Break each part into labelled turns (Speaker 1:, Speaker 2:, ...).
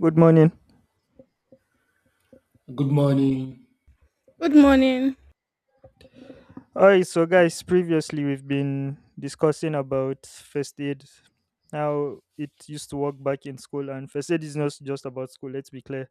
Speaker 1: Good morning.
Speaker 2: Good morning.
Speaker 3: Good morning.
Speaker 1: All right, so guys, previously we've been discussing about first aid, how it used to work back in school, and first aid is not just about school. Let's be clear,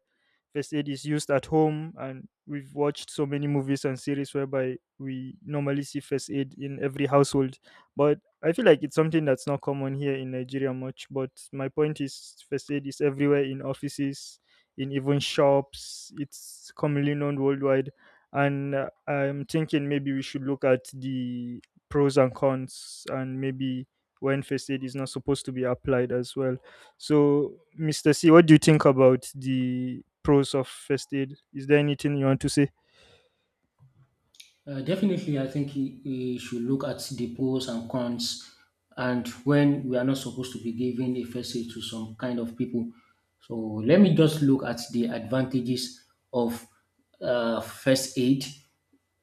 Speaker 1: first aid is used at home, and we've watched so many movies and series whereby we normally see first aid in every household. But I feel like it's something that's not common here in Nigeria much. But my point is, first aid is everywhere in offices, in even shops. It's commonly known worldwide and I'm thinking maybe we should look at the pros and cons, and maybe when first aid is not supposed to be applied as well. So Mr. C, what do you think about the pros of first aid? Is there anything you want to say?
Speaker 2: Definitely, I think he should look at the pros and cons, and when we are not supposed to be giving a first aid to some kind of people. So let me just look at the advantages of first aid.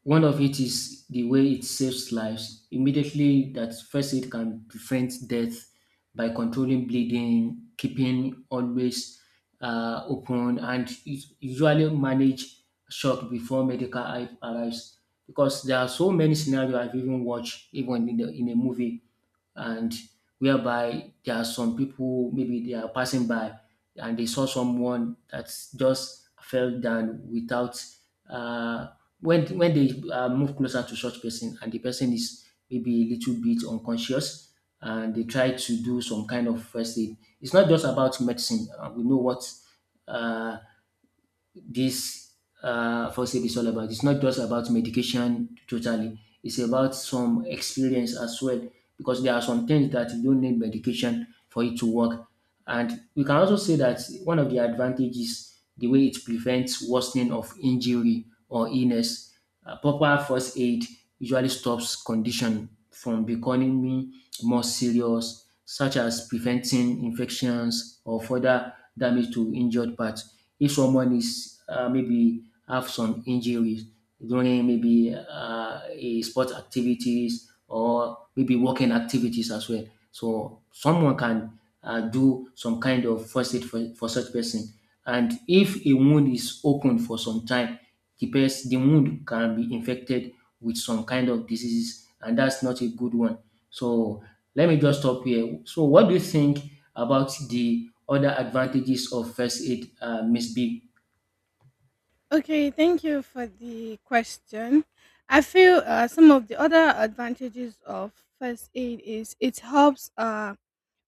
Speaker 2: One of it is the way it saves lives. Immediately, that first aid can prevent death by controlling bleeding, keeping always open, and it usually manage shock before medical help arrives because there are so many scenarios, I've even watched, even in a movie, and whereby there are some people maybe they are passing by and they saw someone that just fell down without uh, when they move closer to such person and the person is maybe a little bit unconscious and they try to do some kind of first aid. It's not just about medicine. We know what uh, this first aid is all about. It's not just about medication totally. It's about some experience as well because there are some things that you don't need medication for it to work. And we can also say that one of the advantages, the way it prevents worsening of injury or illness, proper first aid usually stops condition from becoming more serious, such as preventing infections or further damage to injured parts. If someone is maybe have some injuries during maybe a sport activities or maybe working activities as well. So someone can do some kind of first aid for such person. And if a wound is open for some time, the person, the wound can be infected with some kind of diseases, and that's not a good one. So let me just stop here. So what do you think about the other advantages of first aid, Miss B?
Speaker 3: Okay, thank you for the question. I feel some of the other advantages of first aid is it helps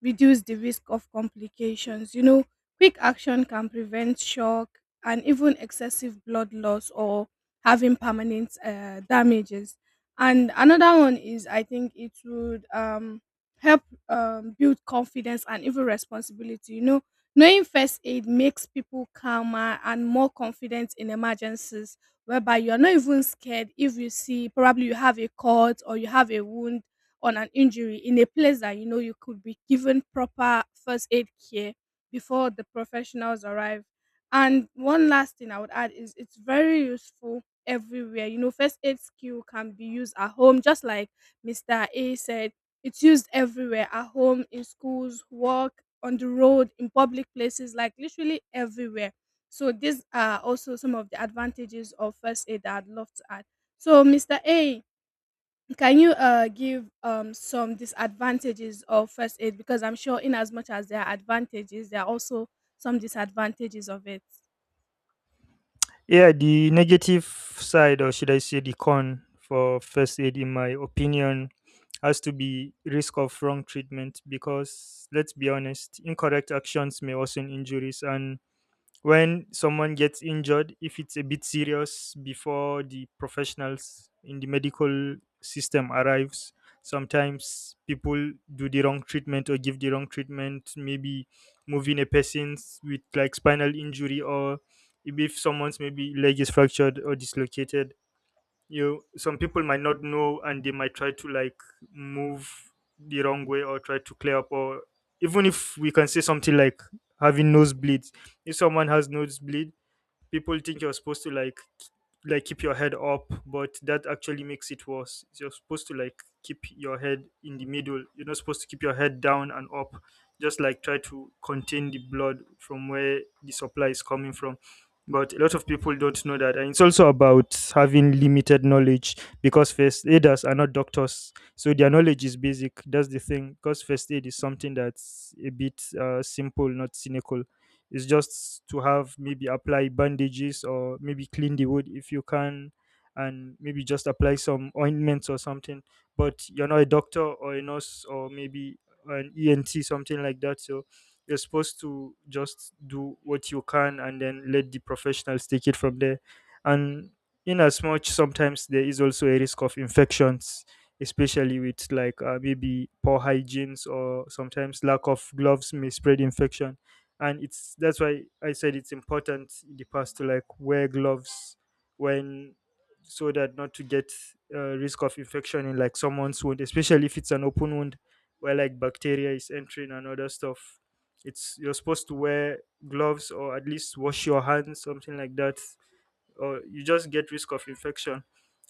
Speaker 3: reduce the risk of complications. You know, quick action can prevent shock and even excessive blood loss or having permanent damages. And another one is I think it would help build confidence and even responsibility. You know, knowing first aid makes people calmer and more confident in emergencies, whereby you're not even scared if you see probably you have a cut or you have a wound on an injury in a place that you know you could be given proper first aid care before the professionals arrive. And one last thing I would add is it's very useful everywhere. You know, first aid skill can be used at home, just like Mr. A said, it's used everywhere at home, in schools, work, on the road, in public places, like literally everywhere. So, these are also some of the advantages of first aid that I'd love to add. So, Mr. A, can you give some disadvantages of first aid? Because I'm sure, in as much as there are advantages, there are also some disadvantages of it.
Speaker 1: Yeah, the negative side, or should I say the con for first aid in my opinion, has to be risk of wrong treatment, because let's be honest, incorrect actions may worsen injuries. And when someone gets injured, if it's a bit serious, before the professionals in the medical system arrives, sometimes people do the wrong treatment or give the wrong treatment. Maybe moving a person with like spinal injury, or if someone's maybe leg is fractured or dislocated, you, some people might not know, and they might try to like move the wrong way or try to clear up. Or even if we can say something like having nosebleeds, if someone has nosebleeds, people think you're supposed to like k- like keep your head up, but that actually makes it worse. You're supposed to like keep your head in the middle. You're not supposed to keep your head down and up, just like try to contain the blood from where the supply is coming from. But a lot of people don't know that, and it's also about having limited knowledge, because first aiders are not doctors, so their knowledge is basic. That's the thing, because first aid is something that's a bit simple, not cynical. Is just to have, maybe apply bandages or maybe clean the wood if you can, and maybe just apply some ointments or something. But you're not a doctor or a nurse, or maybe an ent, something like that. So you're supposed to just do what you can, and then let the professionals take it from there. And in as much, sometimes there is also a risk of infections, especially with like maybe poor hygienes, or sometimes lack of gloves may spread infection. And it's that's why I said it's important in the past to like wear gloves, when, so that not to get risk of infection in like someone's wound, especially if it's an open wound where like bacteria is entering and other stuff. It's, you're supposed to wear gloves, or at least wash your hands, something like that, or you just get risk of infection.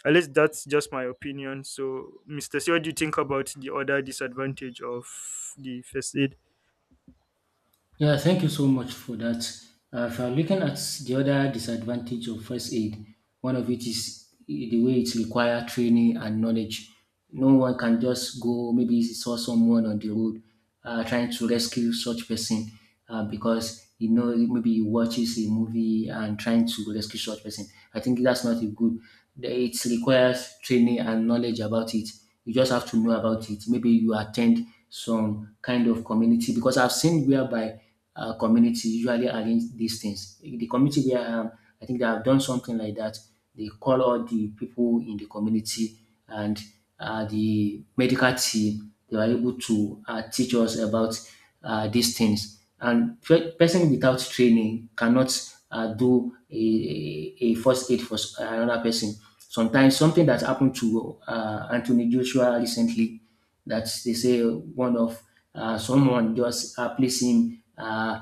Speaker 1: At least that's just my opinion. So Mr. C, what do you think about the other disadvantage of the first aid?
Speaker 2: Yeah, thank you so much for that. If I'm looking at the other disadvantage of first aid, one of it is the way it requires training and knowledge. No one can just go, maybe saw someone on the road trying to rescue such person because you know maybe he watches a movie and trying to rescue such person. I think that's not a good. It requires training and knowledge about it. You just have to know about it. Maybe you attend some kind of community because I've seen whereby community usually arrange these things. The community where I am, I think they have done something like that. They call all the people in the community and the medical team. They were able to teach us about these things. And person without training cannot do a first aid for another person. Sometimes something that happened to Anthony Joshua recently, that they say one of someone just placed him uh,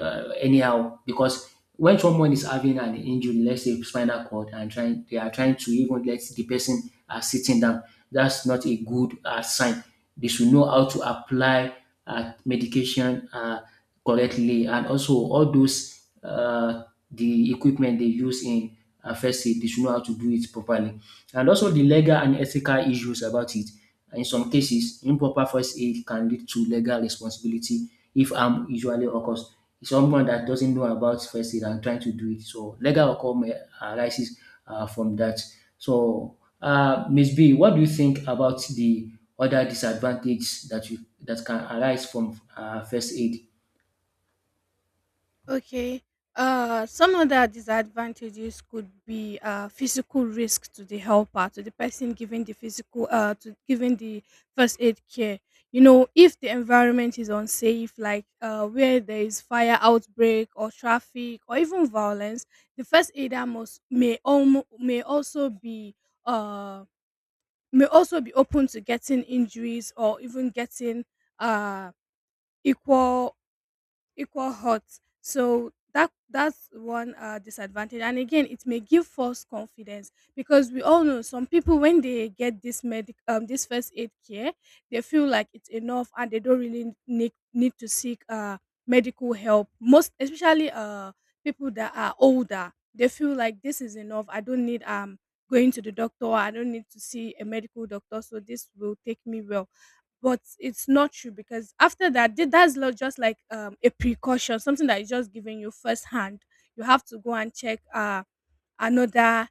Speaker 2: anyhow, because when someone is having an injury, let's say spinal cord, and trying to even let the person sitting down, that's not a good sign. They should know how to apply medication correctly, and also all those the equipment they use in first aid, they should know how to do it properly and also the legal and ethical issues about it. In some cases, improper first aid can lead to legal responsibility if harm usually occurs. It's someone that doesn't know about first aid and trying to do it, so legal outcome may arises from that. So, Ms. B, what do you think about the other disadvantages that can arise from first aid?
Speaker 3: Okay. Some other disadvantages could be physical risk to the helper, to the person giving the physical, to giving the first aid care. You know, if the environment is unsafe, like where there is fire outbreak or traffic or even violence, the first aider must may almo uh may also be open to getting injuries or even getting uh equal equal hot. So that's one disadvantage. And again, it may give false confidence because we all know some people when they get this medic this first aid care, they feel like it's enough and they don't really need to seek medical help. Most especially people that are older, they feel like this is enough. I don't need going to the doctor. I don't need to see a medical doctor. So this will take me well, but it's not true because after that just like a precaution, something that is just given you first hand, you have to go and check another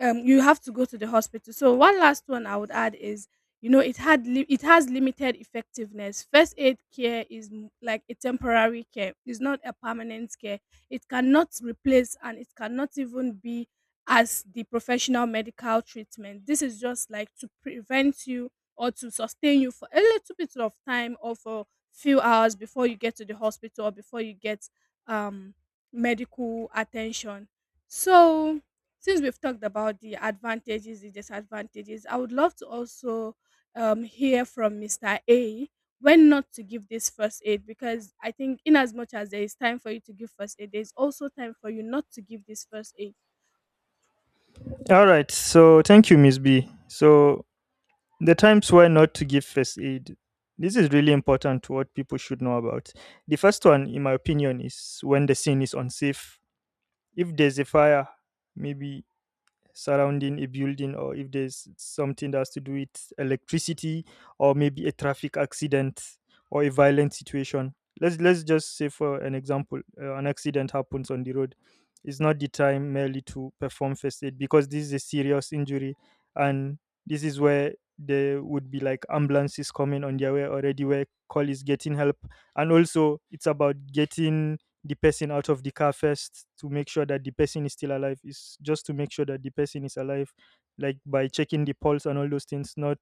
Speaker 3: you have to go to the hospital. So one last one I would add is, you know, it has limited effectiveness. First aid care is like a temporary care, it's not a permanent care. It cannot replace and it cannot even be as the professional medical treatment. This is just like to prevent you or to sustain you for a little bit of time or for few hours before you get to the hospital or before you get um medical attention. So since we've talked about the advantages, the disadvantages, I would love to also hear from Mr. A when not to give this first aid, because I think, in as much as there is time for you to give first aid, there's also time for you not to give this first aid.
Speaker 1: All right. So thank you, Miss B. So the times why not to give first aid. This is really important to what people should know about. The first one, in my opinion, is when the scene is unsafe. If there's a fire, maybe surrounding a building, or if there's something that has to do with electricity, or maybe a traffic accident, or a violent situation, let's just say for an example, an accident happens on the road. It's not the time merely to perform first aid, because this is a serious injury, and this is where there would be like ambulances coming on their way already, where call is getting help. And also it's about getting the person out of the car first, to make sure that the person is still alive, is just to make sure that the person is alive, like by checking the pulse and all those things. Not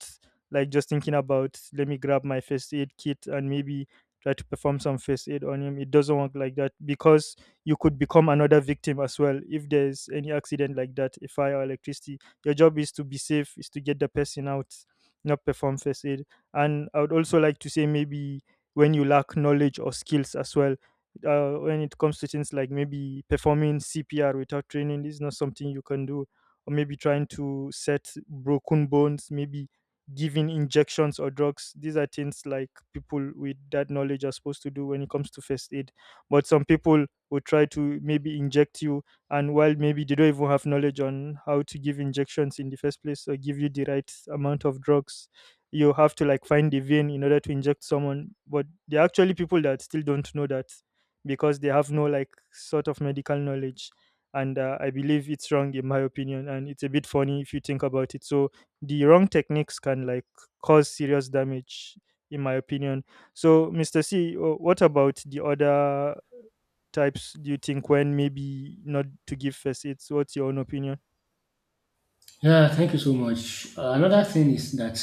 Speaker 1: like just thinking about, let me grab my first aid kit and maybe try to perform some first aid on him. It doesn't work like that, because you could become another victim as well if there's any accident like that, a fire or electricity. Your job is to be safe, is to get the person out, not perform first aid. And I would also like to say, maybe when you lack knowledge or skills as well, when it comes to things like maybe performing CPR without training, this is not something you can do, or maybe trying to set broken bones, maybe giving injections or drugs. These are things like people with that knowledge are supposed to do when it comes to first aid. But some people will try to maybe inject you, and while maybe they don't even have knowledge on how to give injections in the first place, or give you the right amount of drugs. You have to like find the vein in order to inject someone, but there are actually people that still don't know that, because they have no like sort of medical knowledge. And I believe it's wrong in my opinion, and it's a bit funny if you think about it. So the wrong techniques can like cause serious damage, in my opinion. So Mr. C, what about the other types, do you think, when maybe not to give first aids? What's your own opinion?
Speaker 2: Yeah, thank you so much. Another thing is that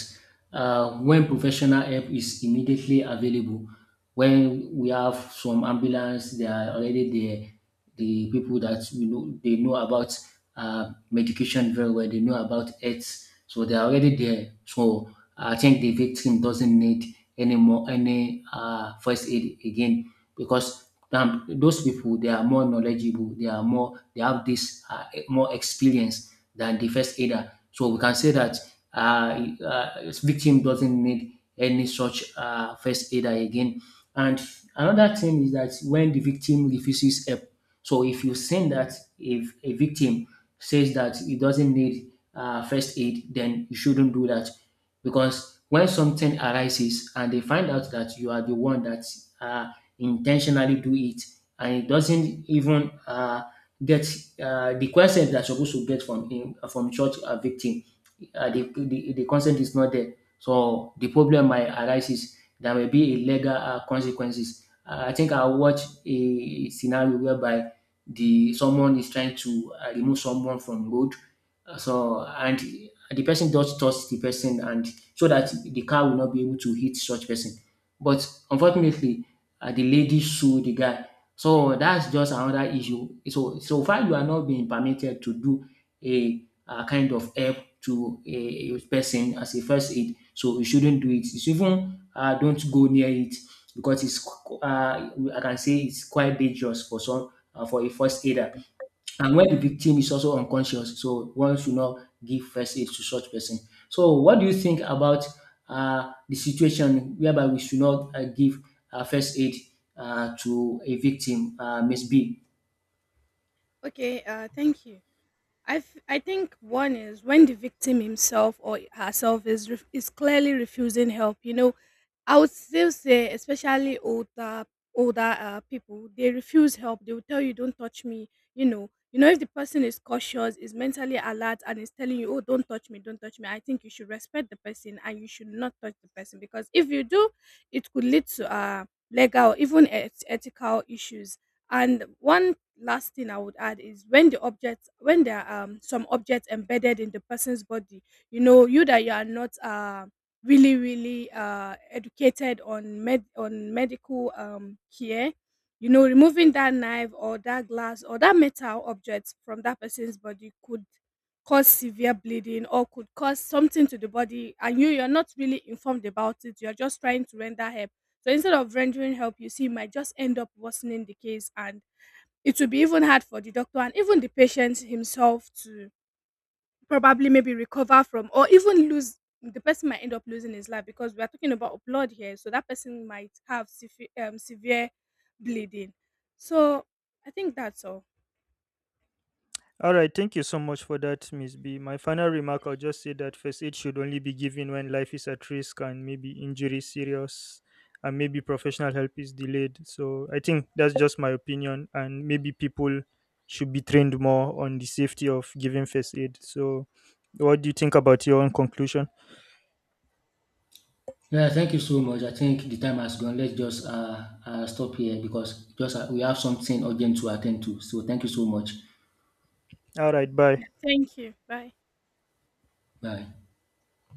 Speaker 2: when professional help is immediately available, when we have some ambulance, they are already there. The people that we know, they know about medication very well. They know about AIDS, so they are already there. So I think the victim doesn't need any more any first aid again because those people they are more knowledgeable. They are more. They have this more experience than the first aider. So we can say that victim doesn't need any such first aider again. And another thing is that when the victim refuses help, so if a victim says that he doesn't need first aid, then you shouldn't do that because when something arises and they find out that you are the one that uh, intentionally do it and it doesn't even get the questions they're supposed to get from him from church victims the consent is not there. So the problem might arise is there may be a legal consequences. I think I watched a scenario whereby the someone is trying to remove someone from road. So and the person does touch the person, and so that the car will not be able to hit such person. But unfortunately, the lady sued the guy. So that's just another issue. So so far you are not being permitted to do a kind of help to a person as a first aid. So you shouldn't do it. It's even don't go near it because I can say it's quite dangerous for some for a first aider. And when the victim is also unconscious, so one should not give first aid to such person. So what do you think about the situation whereby we should not give first aid to a victim, Miss B?
Speaker 3: Okay, thank you. I think one is when the victim himself or herself is is clearly refusing help. You know, I would still say, especially older people, they refuse help. They will tell you, "Don't touch me." You know, if the person is cautious, is mentally alert, and is telling you, "Oh, don't touch me," I think you should respect the person and you should not touch the person, because if you do, it could lead to legal, even ethical issues. And one last thing I would add is when the objects, when there are some objects embedded in the person's body. You know, you that you are not really really educated on medical care. You know, removing that knife or that glass or that metal object from that person's body could cause severe bleeding or could cause something to the body, and you, you're not really informed about it, you're just trying to render help. So instead of rendering help, you see, you might just end up worsening the case, and it will be even hard for the doctor and even the patient himself to probably maybe recover from, or even lose, the person might end up losing his life, because we are talking about blood here. So that person might have severe bleeding. So I think that's all.
Speaker 1: All right, thank you so much for that, Miss B. My final remark, I'll just say that first aid should only be given when life is at risk and maybe injury serious and maybe professional help is delayed. So I think that's just my opinion, and maybe people should be trained more on the safety of giving first aid. So what do you think about your own conclusion?
Speaker 2: Yeah, thank you so much. I think the time has gone. Let's just stop here because just we have something urgent to attend to. So thank you so much.
Speaker 1: All right,
Speaker 3: Yeah,
Speaker 1: bye.
Speaker 3: thank you, bye.
Speaker 2: Bye.